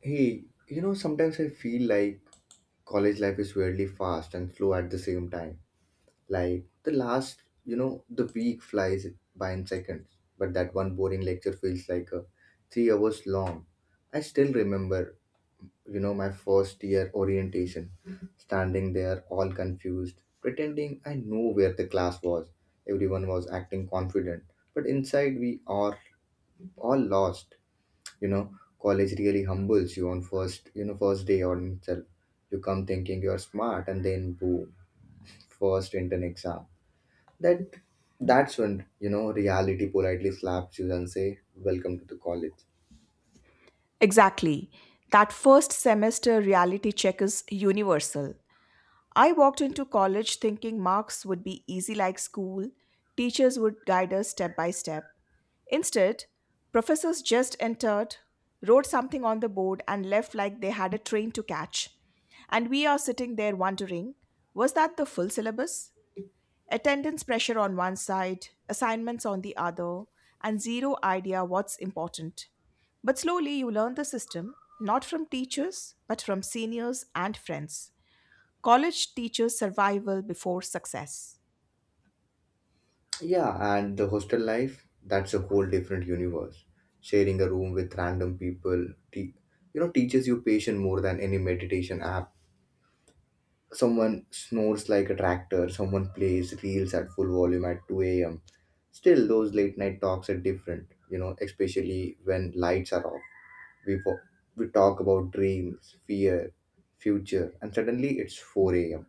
Hey, sometimes I feel like college life is weirdly fast and slow at the same time. Like the last, you know, the week flies by in seconds, but that one boring lecture feels like 3 hours long. I still remember, my first year orientation, standing there all confused, pretending I know where the class was. Everyone was acting confident, but inside we are all lost you know College really humbles you on first day on itself. You come thinking you're smart, and then boom, first intern exam. That that's when, you know, reality politely slaps you and say welcome to the college. Exactly. That first semester reality check is universal. I walked into college thinking marks would be easy like school, teachers would guide us step by step. Instead, professors just entered, wrote something on the board, and left like they had a train to catch. And we are sitting there wondering, was that the full syllabus? Attendance pressure on one side, assignments on the other, and zero idea what's important. But slowly you learn the system, not from teachers, but from seniors and friends. College teaches survival before success. Yeah, and the hostel life, that's a whole different universe. Sharing a room with random people te- teaches you patience more than any meditation app. Someone snores like a tractor, someone plays reels at full volume at 2 a.m. Still, those late night talks are different, you know, especially when lights are off. We, fo- we talk about dreams, fear, future, and suddenly it's 4 a.m.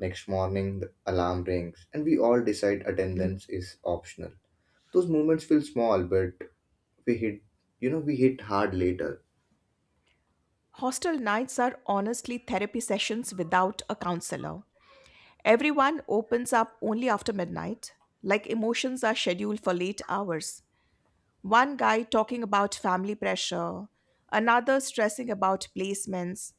Next morning, the alarm rings, and we all decide attendance is optional. Those moments feel small, but we hit, we hit hard later. Hostel nights are honestly therapy sessions without a counselor. Everyone opens up only after midnight, like emotions are scheduled for late hours. One guy talking about family pressure, another stressing about placements,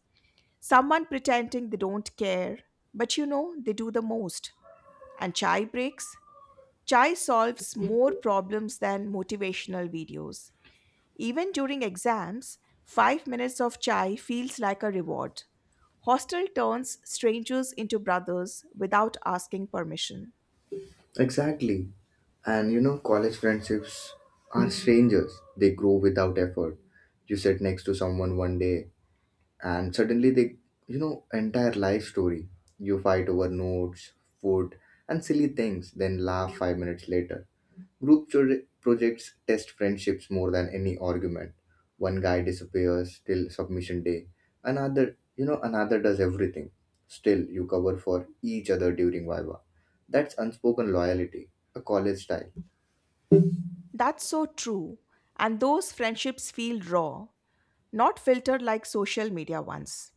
someone pretending they don't care, but you know they do the most. And chai breaks? Chai solves more problems than motivational videos. Even during exams, 5 minutes of chai feels like a reward. Hostel turns strangers into brothers without asking permission. Exactly. And you know, college friendships are strangers. They grow without effort. You sit next to someone one day, and suddenly they, you know, entire life story. You fight over notes, food, and silly things, then laugh 5 minutes later. Group projects test friendships more than any argument. One guy disappears till submission day. Another does everything. Still, you cover for each other during Viva. That's unspoken loyalty, a college style. That's so true. And those friendships feel raw, not filtered like social media ones.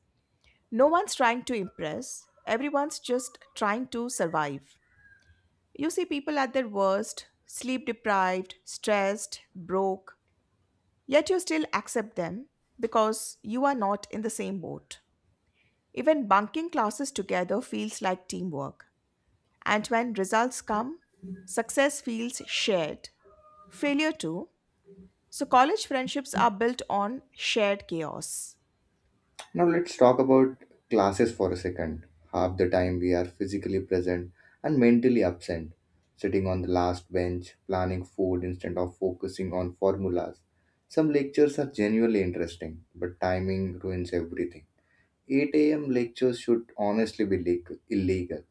No one's trying to impress, everyone's just trying to survive. You see people at their worst, sleep deprived, stressed, broke, yet you still accept them because you are not in the same boat. Even bunking classes together feels like teamwork. And when results come, success feels shared. Failure too. So college friendships are built on shared chaos. Now, let's talk about classes for a second. Half the time we are physically present and mentally absent, sitting on the last bench, planning food instead of focusing on formulas. Some lectures are genuinely interesting, but timing ruins everything. 8 a.m. lectures should honestly be illegal.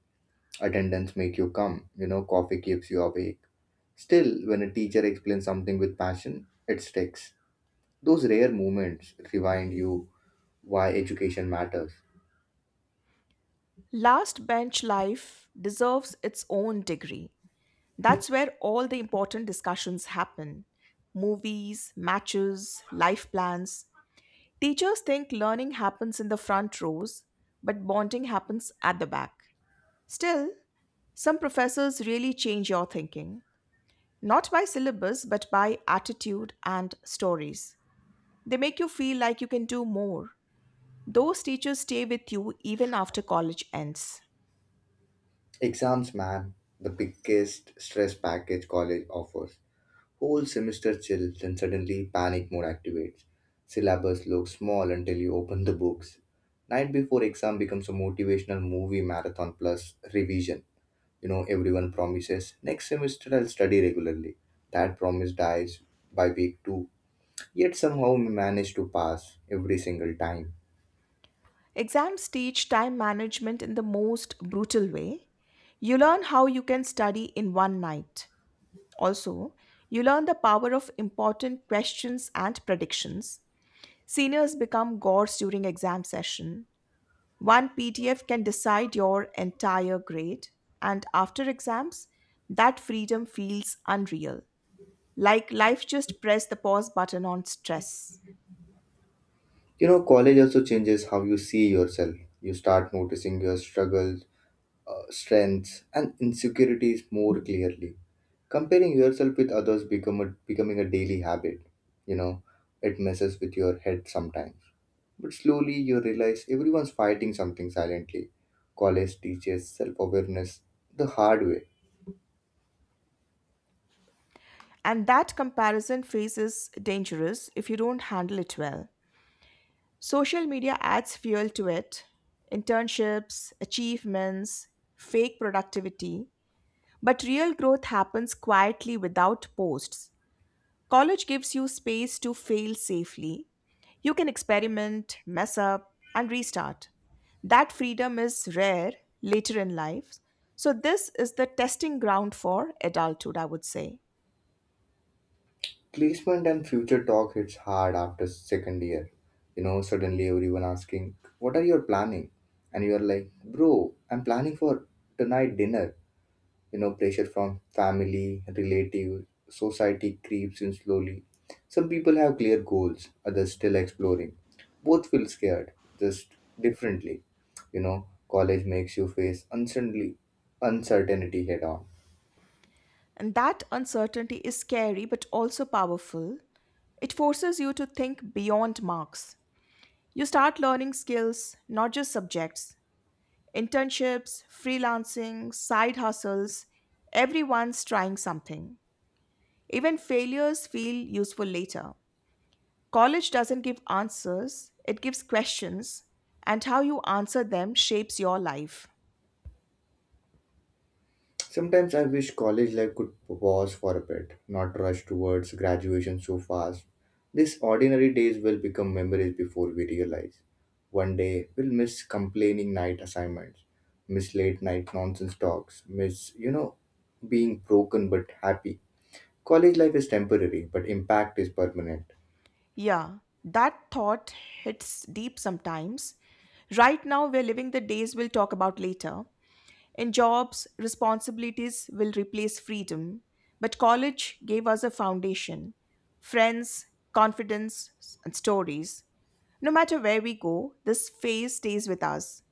Attendance make you come, coffee keeps you awake. Still, when a teacher explains something with passion, it sticks. Those rare moments remind you why education matters. Last bench life deserves its own degree. That's where all the important discussions happen: movies, matches, life plans. Teachers think learning happens in the front rows, but bonding happens at the back. Still, some professors really change your thinking, not by syllabus, but by attitude and stories. They make you feel like you can do more. Those teachers stay with you even after college ends. Exams, man, the biggest stress package college offers. Whole semester chills, then suddenly panic mode activates. Syllabus looks small until you open the books. Night before exam becomes a motivational movie marathon plus revision. You know, everyone promises next semester I'll study regularly. That promise dies by week two, yet somehow we manage to pass every single time. Exams teach time management in the most brutal way. You learn how you can study in one night. Also, you learn the power of important questions and predictions. Seniors become gods during exam session. One PDF can decide your entire grade. And after exams, that freedom feels unreal. Like life just pressed the pause button on stress. You know, college also changes how you see yourself. You start noticing your struggles, strengths, and insecurities more clearly. Comparing yourself with others become a, becoming a daily habit. You know, it messes with your head sometimes. But slowly you realize everyone's fighting something silently. College teaches self awareness the hard way. And that comparison phase is dangerous if you don't handle it well. Social media adds fuel to it: internships, achievements, fake productivity. But real growth happens quietly without posts. College gives you space to fail safely. You can experiment, mess up, and restart. That freedom is rare later in life. So, this is the testing ground for adulthood, I would say. Placement and future talk hits hard after second year. You know, suddenly everyone asking, what are you planning? And you're like, bro, I'm planning for tonight dinner. You know, pressure from family relative society creeps in slowly. Some people have clear goals, others still exploring. Both feel scared, just differently. You know, college makes you face uncertainly uncertainty head on. And that uncertainty is scary but also powerful. It forces you to think beyond marks. You start learning skills, not just subjects. Internships, freelancing, side hustles, everyone's trying something. Even failures feel useful later. College doesn't give answers, it gives questions, and how you answer them shapes your life. Sometimes I wish college life could pause for a bit, not rush towards graduation so fast. These ordinary days will become memories before we realize. One day we'll miss complaining night assignments, miss late night nonsense talks, miss, being broken but happy. College life is temporary, but impact is permanent. Yeah, that thought hits deep sometimes. Right now, we're living the days we'll talk about later. In jobs, responsibilities will replace freedom, but college gave us a foundation: friends, confidence, and stories. No matter where we go, this phase stays with us.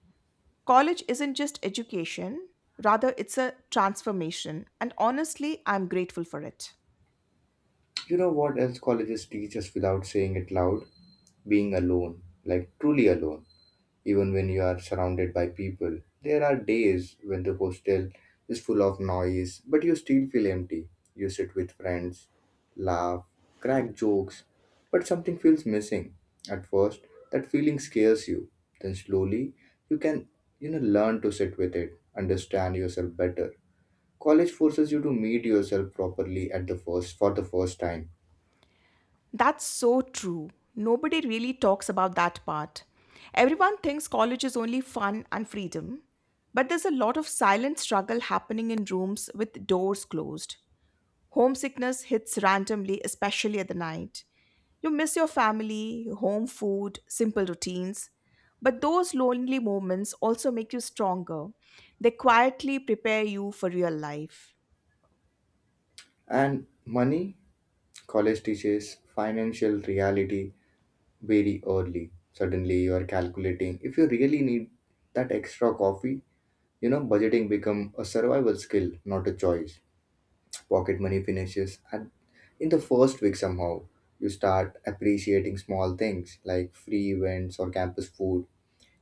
College isn't just education, rather, it's a transformation, and honestly, I'm grateful for it. You know what else colleges teach us without saying it loud? Being alone, like truly alone even when you are surrounded by people. There are days when the hostel is full of noise, but you still feel empty. You sit with friends, laugh, crack jokes, but something feels missing. At first, that feeling scares you. Then slowly, you can learn to sit with it, understand yourself better. College forces you to meet yourself properly at the first for the first time. That's so true. Nobody really talks about that part. Everyone thinks college is only fun and freedom, but there's a lot of silent struggle happening in rooms with doors closed. Homesickness hits randomly, especially at the night. You miss your family, your home food, simple routines. But those lonely moments also make you stronger. They quietly prepare you for real life. And money, college teaches financial reality very early. Suddenly you are calculating if you really need that extra coffee. Budgeting become a survival skill, not a choice. Pocket money finishes and in the first week somehow. You start appreciating small things like free events or campus food.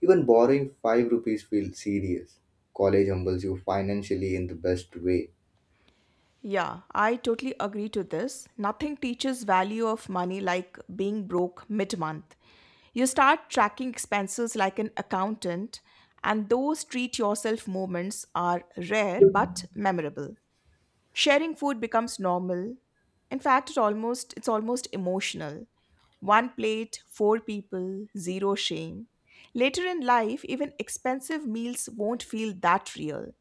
Even borrowing five rupees feels serious. College humbles you financially in the best way. Yeah, I totally agree to this. Nothing teaches value of money like being broke mid-month. You start tracking expenses like an accountant, and those treat yourself moments are rare but memorable. Sharing food becomes normal. In fact, it's almost emotional. One plate, four people, zero shame. Later in life, even expensive meals won't feel that real.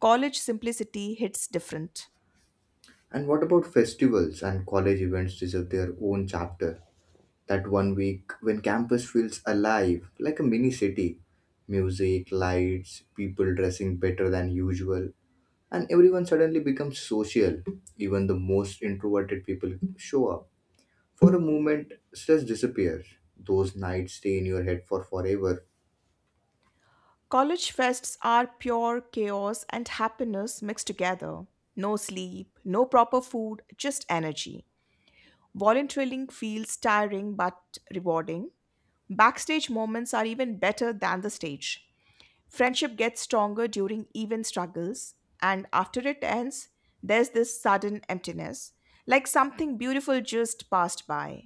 College simplicity hits different. And what about festivals and college events deserve their own chapter? That one week when campus feels alive, like a mini city. Music, lights, people dressing better than usual, and everyone suddenly becomes social. Even the most introverted people show up. For a moment, stress disappears. Those nights stay in your head for forever. College fests are pure chaos and happiness mixed together. No sleep, no proper food, just energy. Volunteering feels tiring but rewarding. Backstage moments are even better than the stage. Friendship gets stronger during even struggles, and after it ends, there's this sudden emptiness, like something beautiful just passed by.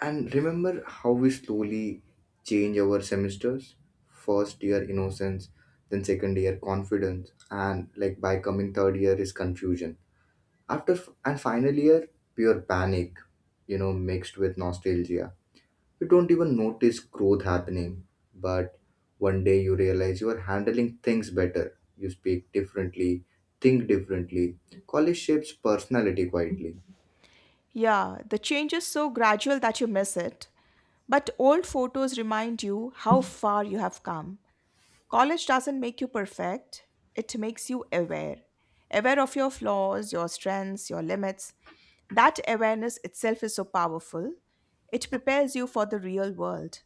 And remember how we slowly change our semesters? First year innocence, then second year confidence, and like by coming third year is confusion. And final year, pure panic, you know, mixed with nostalgia. You don't even notice growth happening, but one day you realize you are handling things better. You speak differently, think differently. College shapes personality quietly. Yeah, the change is so gradual that you miss it, but old photos remind you how far you have come. College doesn't make you perfect, it makes you aware. Aware of your flaws, your strengths, your limits. That awareness itself is so powerful. It prepares you for the real world.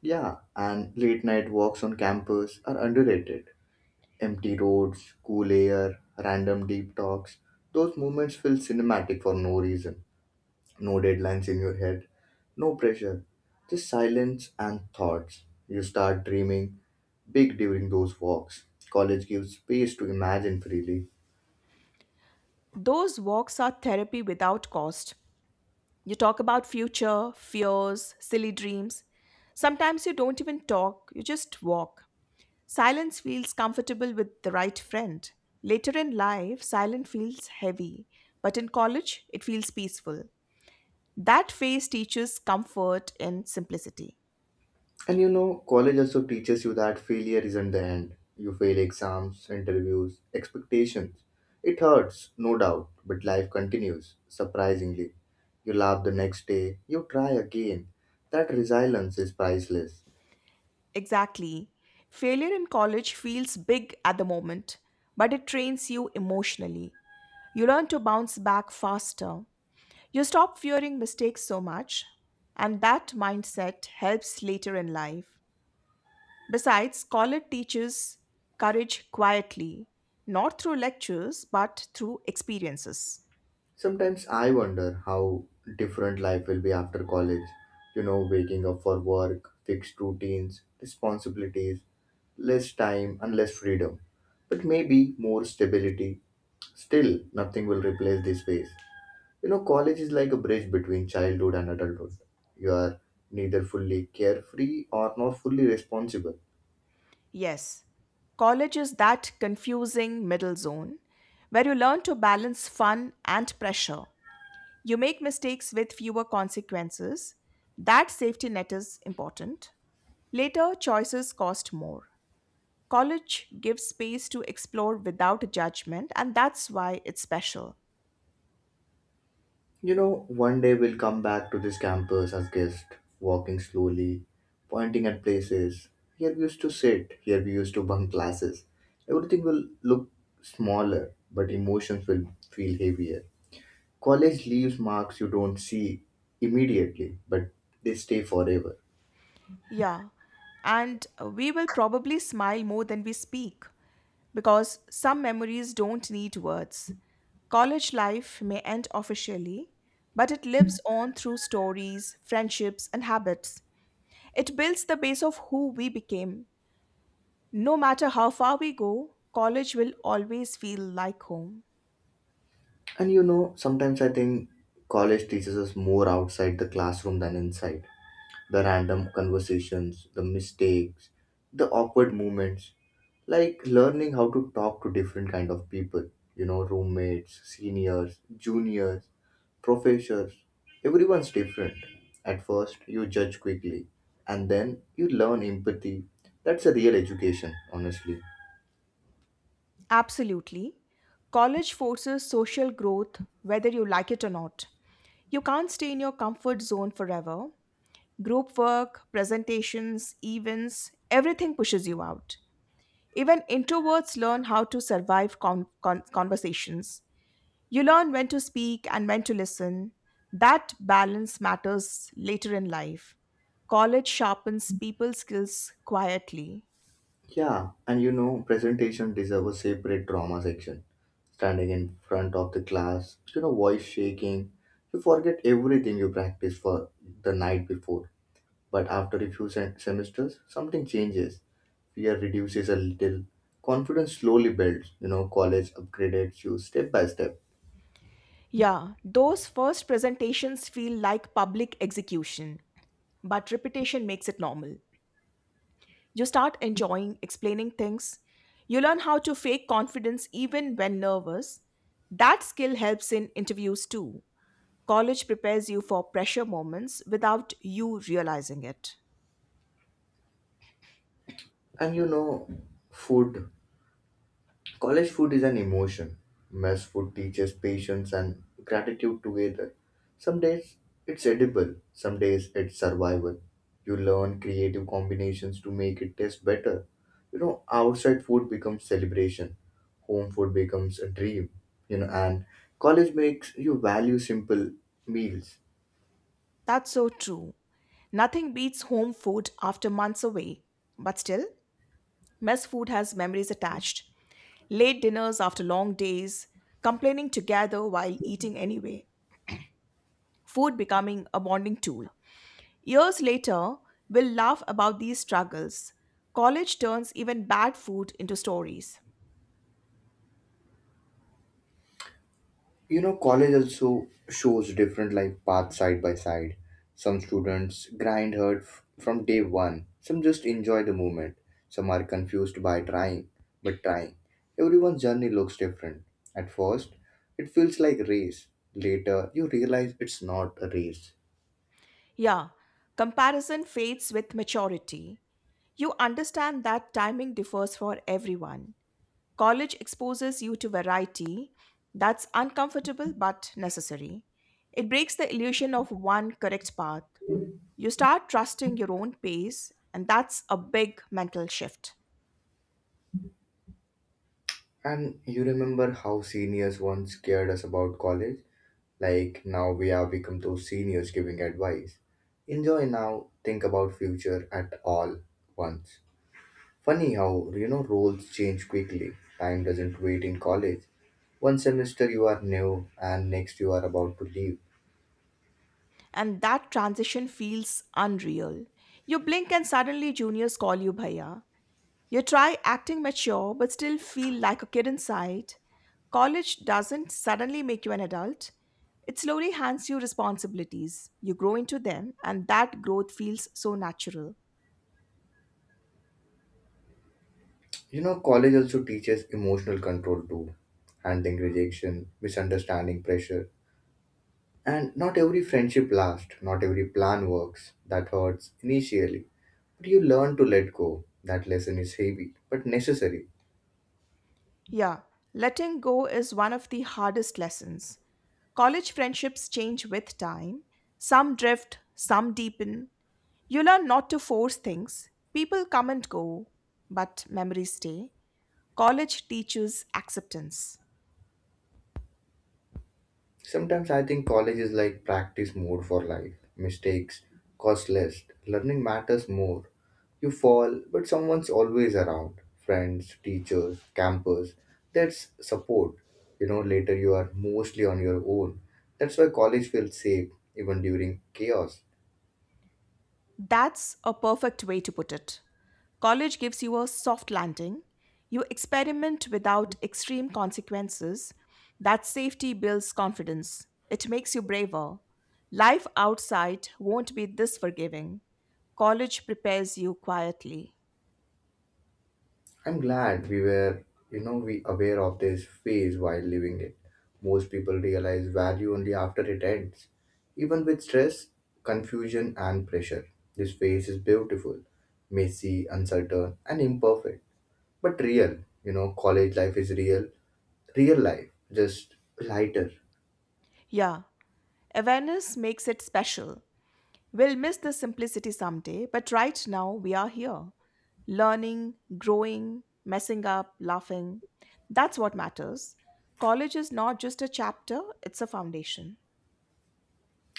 Yeah, and late night walks on campus are underrated. Empty roads, cool air, random deep talks. Those moments feel cinematic for no reason. No deadlines in your head, no pressure, just silence and thoughts. You start dreaming big during those walks. College gives space to imagine freely. Those walks are therapy without cost. You talk about future, fears, silly dreams. Sometimes you don't even talk, you just walk. Silence feels comfortable with the right friend. Later in life, silence feels heavy, but in college, it feels peaceful. That phase teaches comfort in simplicity. And you know, college also teaches you that failure isn't the end. You fail exams, interviews, expectations. It hurts, no doubt, but life continues, surprisingly. You laugh the next day, you try again. That resilience is priceless. Exactly. Failure in college feels big at the moment, but it trains you emotionally. You learn to bounce back faster. You stop fearing mistakes so much, and that mindset helps later in life. Besides, college teaches courage quietly, not through lectures, but through experiences. Sometimes I wonder how different life will be after college. You know, waking up for work, fixed routines, responsibilities, less time and less freedom. But maybe more stability. Still, nothing will replace this phase. You know, college is like a bridge between childhood and adulthood. You are neither fully carefree or not fully responsible. Yes, college is that confusing middle zone where you learn to balance fun and pressure. You make mistakes with fewer consequences. That safety net is important. Later, choices cost more. College gives space to explore without judgment, and that's why it's special. You know, one day we'll come back to this campus as guests, walking slowly, pointing at places. Here we used to sit, here we used to bunk classes. Everything will look smaller, but emotions will feel heavier. College leaves marks you don't see immediately, but they stay forever. Yeah, and we will probably smile more than we speak, because some memories don't need words. College life may end officially, but it lives on through stories, friendships, and habits. It builds the base of who we became. No matter how far we go, college will always feel like home. And you know, sometimes I think college teaches us more outside the classroom than inside. The random conversations, the mistakes, the awkward moments, like learning how to talk to different kind of people, you know, roommates, seniors, juniors, professors. Everyone's different. At first, you judge quickly, and then you learn empathy. That's a real education, honestly. Absolutely. College forces social growth whether you like it or not. You can't stay in your comfort zone forever. Group work, presentations, events, everything pushes you out. Even introverts learn how to survive conversations. You learn when to speak and when to listen. That balance matters later in life. College sharpens people skills quietly. Yeah, and you know, presentation deserves a separate drama section. Standing in front of the class, you know, voice shaking, you forget everything you practiced for the night before. But after a few semesters, something changes. Fear reduces a little, confidence slowly builds. You know, college upgrades you step by step. Yeah, those first presentations feel like public execution, but repetition makes it normal. You start enjoying explaining things. You learn how to fake confidence even when nervous. That skill helps in interviews too. College prepares you for pressure moments without you realizing it. And you know, food, college food is an emotion. Mess food teaches patience and gratitude together. Some days it's edible, some days it's survival. You learn creative combinations to make it taste better. You know, outside food becomes celebration, home food becomes a dream, and college makes you value simple meals. That's so true. Nothing beats home food after months away. But still, mess food has memories attached. Late dinners after long days, complaining together while eating anyway, food becoming a bonding tool. Years later, we'll laugh about these struggles. College turns even bad food into stories. You know, college also shows different life paths side by side. Some students grind hard from day one, some just enjoy the moment, some are confused by trying, but trying. Everyone's journey looks different. At first, it feels like race. Later, you realize it's not a race. Yeah, comparison fades with maturity. You understand that timing differs for everyone. College exposes you to variety that's uncomfortable but necessary. It breaks the illusion of one correct path. You start trusting your own pace, and that's a big mental shift. And you remember how seniors once scared us about college? Like now we have become those seniors giving advice. Enjoy now, think about future at all once. Funny how, you know, roles change quickly. Time doesn't wait in college. One semester you are new and next you are about to leave. And that transition feels unreal. You blink and suddenly juniors call you bhaiya. You try acting mature but still feel like a kid inside. College doesn't suddenly make you an adult, it slowly hands you responsibilities. You grow into them, and that growth feels so natural. You know, college also teaches emotional control too. Handling rejection, misunderstanding pressure. And not every friendship lasts, not every plan works. That hurts initially. But you learn to let go. That lesson is heavy, but necessary. Yeah, letting go is one of the hardest lessons. College friendships change with time, some drift, some deepen. You learn not to force things. People come and go, but memories stay. College teaches acceptance. Sometimes I think college is like practice mode for life. Mistakes cost less, learning matters more. You fall, but someone's always around. Friends, teachers, campus. That's support. You know, later you are mostly on your own. That's why college feels safe even during chaos. That's a perfect way to put it. College gives you a soft landing. You experiment without extreme consequences. That safety builds confidence. It makes you braver. Life outside won't be this forgiving. College prepares you quietly. I'm glad we were, you know, We aware of this phase while living it. Most people realize value only after it ends. Even with stress, confusion, and pressure, this phase is beautiful, messy, uncertain, and imperfect, but real. You know, college life is real, real life, just lighter. Yeah, awareness makes it special. We'll miss the simplicity someday, but right now we are here, learning, growing, messing up, laughing. That's what matters. College is not just a chapter, it's a foundation.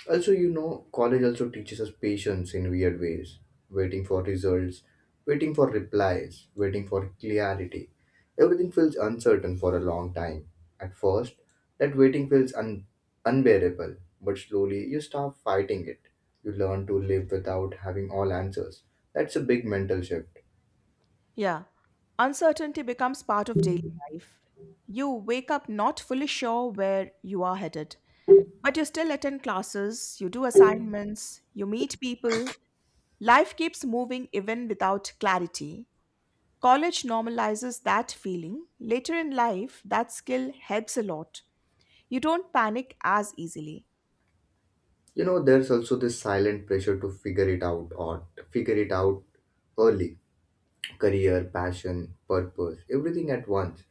Also, you know, college also teaches us patience in weird ways. Waiting for results, waiting for replies, waiting for clarity. Everything feels uncertain for a long time. At first, that waiting feels unbearable, but slowly you start fighting it. You learn to live without having all answers. That's a big mental shift. Yeah, uncertainty becomes part of daily life. You wake up not fully sure where you are headed, but you still attend classes, you do assignments, you meet people. Life keeps moving even without clarity. College normalizes that feeling. Later in life, that skill helps a lot. You don't panic as easily. You know, there's also this silent pressure to figure it out early, career, passion, purpose, everything at once.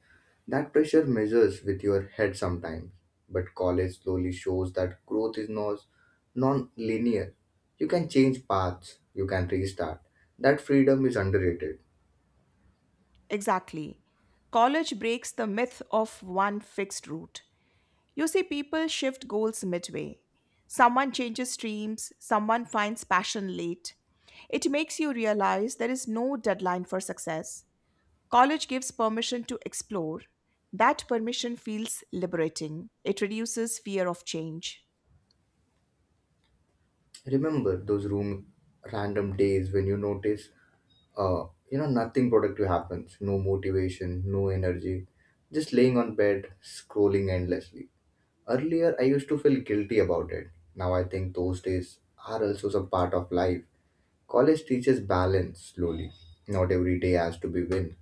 That pressure measures with your head sometimes, but college slowly shows that growth is not non-linear. You can change paths, you can restart. That freedom is underrated. Exactly. College breaks the myth of one fixed route. You see people shift goals midway. Someone changes streams, someone finds passion late. It makes you realize there is no deadline for success. College gives permission to explore. That permission feels liberating. It reduces fear of change. Remember those room random days when you notice, uh, nothing productive happens, no motivation, no energy, just laying on bed, scrolling endlessly. Earlier, I used to feel guilty about it. Now I think those days are also some part of life. College teaches balance slowly. Not every day has to be win.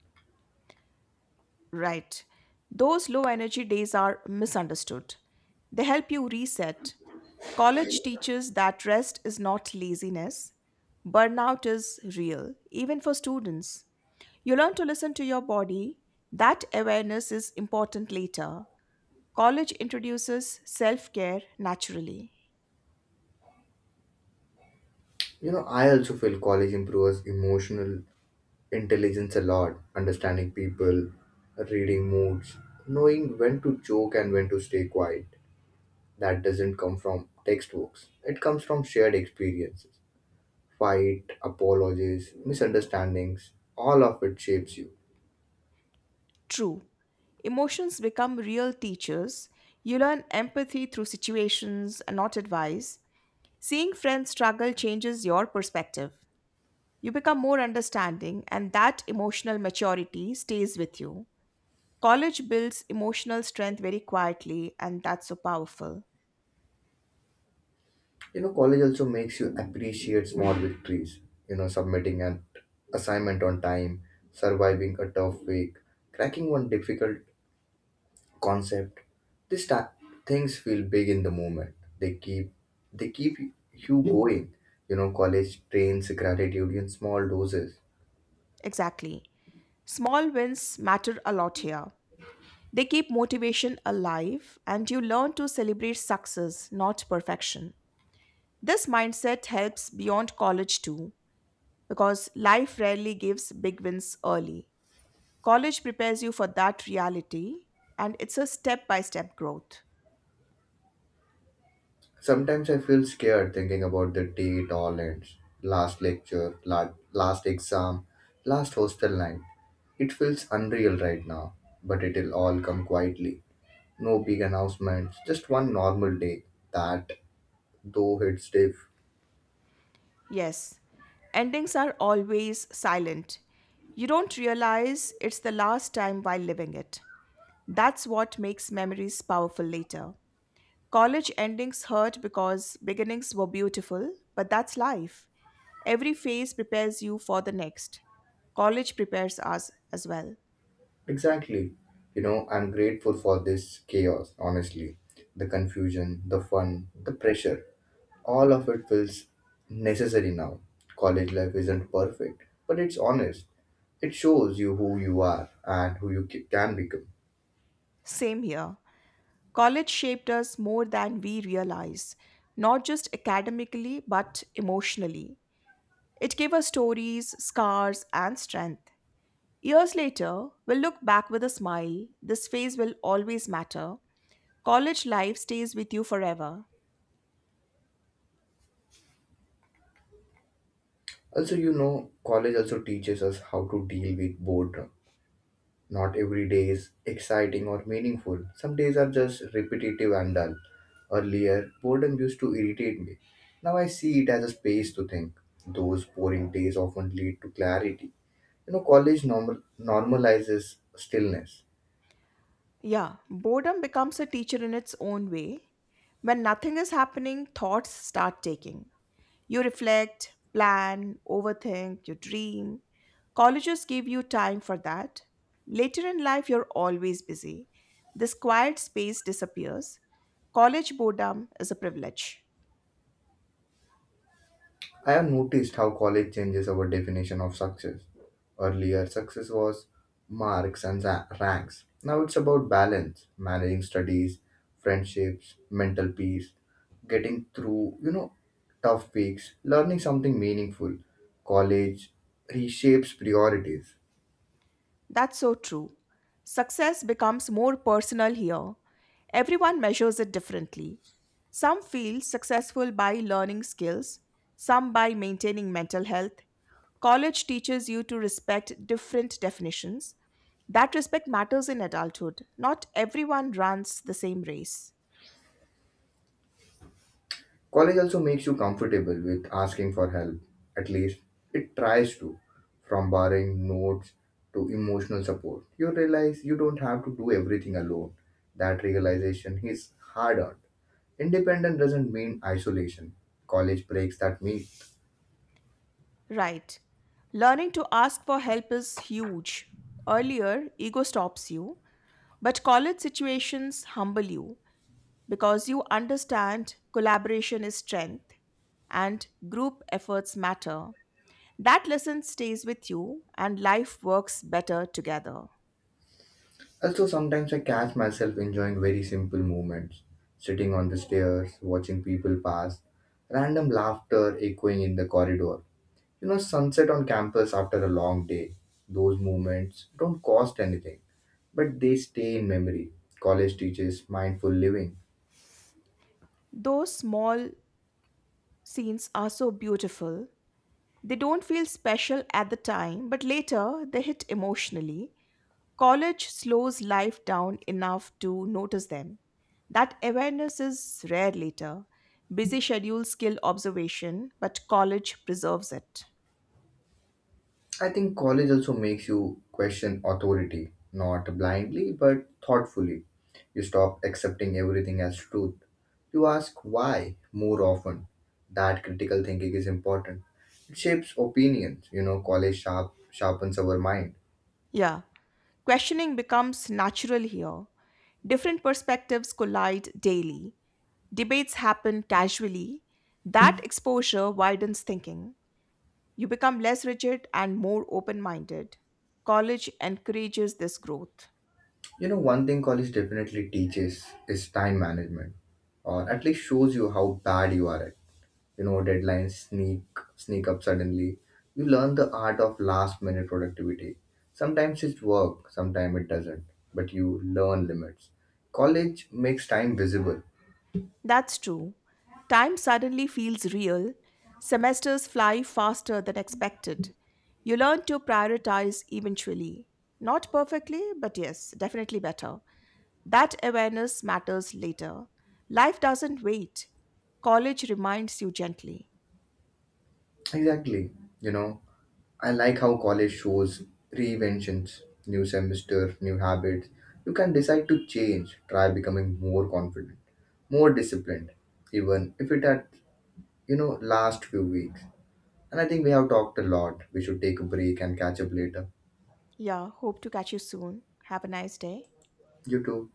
Right. Those low energy days are misunderstood. They help you reset. College teaches that rest is not laziness. Burnout is real, even for students. You learn to listen to your body. That awareness is important later. College introduces self care naturally. I also feel college improves emotional intelligence a lot, understanding people, reading moods, knowing when to joke and when to stay quiet. That doesn't come from textbooks, it comes from shared experiences. Fight, apologies, misunderstandings, all of it shapes you. True. Emotions become real teachers. You learn empathy through situations, not advice. Seeing friends struggle changes your perspective. You become more understanding, and that emotional maturity stays with you. College builds emotional strength very quietly, and that's so powerful. College also makes you appreciate small victories. Submitting an assignment on time, surviving a tough week, cracking one difficult concept. These ta- things feel big in the moment. They keep you going. College trains gratitude in small doses. Exactly. Small wins matter a lot here. They keep motivation alive, and you learn to celebrate success, not perfection. This mindset helps beyond college too, because life rarely gives big wins early. College prepares you for that reality, and it's a step by step growth. Sometimes I feel scared thinking about the day it all ends. Last lecture, last exam, last hostel night. It feels unreal right now, but it'll all come quietly. No big announcements, just one normal day that, though it's stiff. Yes, endings are always silent. You don't realize it's the last time while living it. That's what makes memories powerful later. College endings hurt because beginnings were beautiful, but that's life. Every phase prepares you for the next. College prepares us as well. Exactly. I'm grateful for this chaos, honestly. The confusion, the fun, the pressure. All of it feels necessary now. College life isn't perfect, but it's honest. It shows you who you are and who you can become. Same here. College shaped us more than we realize, not just academically, but emotionally. It gave us stories, scars, and strength. Years later, we'll look back with a smile. This phase will always matter. College life stays with you forever. Also, college also teaches us how to deal with boredom. Not every day is exciting or meaningful. Some days are just repetitive and dull. Earlier, boredom used to irritate me. Now I see it as a space to think. Those boring days often lead to clarity. College normalizes stillness. Yeah, boredom becomes a teacher in its own way. When nothing is happening, thoughts start taking. You reflect, plan, overthink, you dream. Colleges give you time for that. Later in life, you're always busy. This quiet space disappears. College boredom is a privilege. I have noticed how college changes our definition of success. Earlier, success was marks and ranks. Now it's about balance, managing studies, friendships, mental peace, getting through, you know, tough weeks, learning something meaningful. College reshapes priorities. That's so true. Success becomes more personal here. Everyone measures it differently. Some feel successful by learning skills, some by maintaining mental health. College teaches you to respect different definitions. That respect matters in adulthood. Not everyone runs the same race. College also makes you comfortable with asking for help, at least it tries to. From borrowing notes to emotional support, you realize you don't have to do everything alone. That realization is hard earned. Independent doesn't mean isolation. College breaks that myth. Right. Learning to ask for help is huge. Earlier, ego stops you, but college situations humble you, because you understand collaboration is strength and group efforts matter. That lesson stays with you and life works better together. Also, sometimes I catch myself enjoying very simple moments sitting on the stairs, watching people pass, random laughter echoing in the corridor. Sunset on campus after a long day, those moments don't cost anything, but they stay in memory. College teaches mindful living. Those small scenes are so beautiful. They don't feel special at the time, but later they hit emotionally. College slows life down enough to notice them. That awareness is rare later. Busy schedules kill observation, but college preserves it. I think college also makes you question authority, not blindly, but thoughtfully. You stop accepting everything as truth. You ask why more often. That critical thinking is important. It shapes opinions. College sharpens our mind. Yeah. Questioning becomes natural here. Different perspectives collide daily, debates happen casually. That exposure widens thinking. You become less rigid and more open minded. College encourages this growth. One thing college definitely teaches is time management, or at least shows you how bad you are at. Deadlines sneak up suddenly. You learn the art of last minute productivity. Sometimes it works, sometimes it doesn't, but you learn limits. College makes time visible. That's true. Time suddenly feels real. Semesters fly faster than expected. You learn to prioritize eventually. Not perfectly, but yes, definitely better. That awareness matters later. Life doesn't wait, college reminds you gently. Exactly. You know, I like how college shows reinventions, new semester, new habits. You can decide to change, try becoming more confident, more disciplined, even if it had, last few weeks. And I think we have talked a lot. We should take a break and catch up later. Yeah, hope to catch you soon. Have a nice day. You too.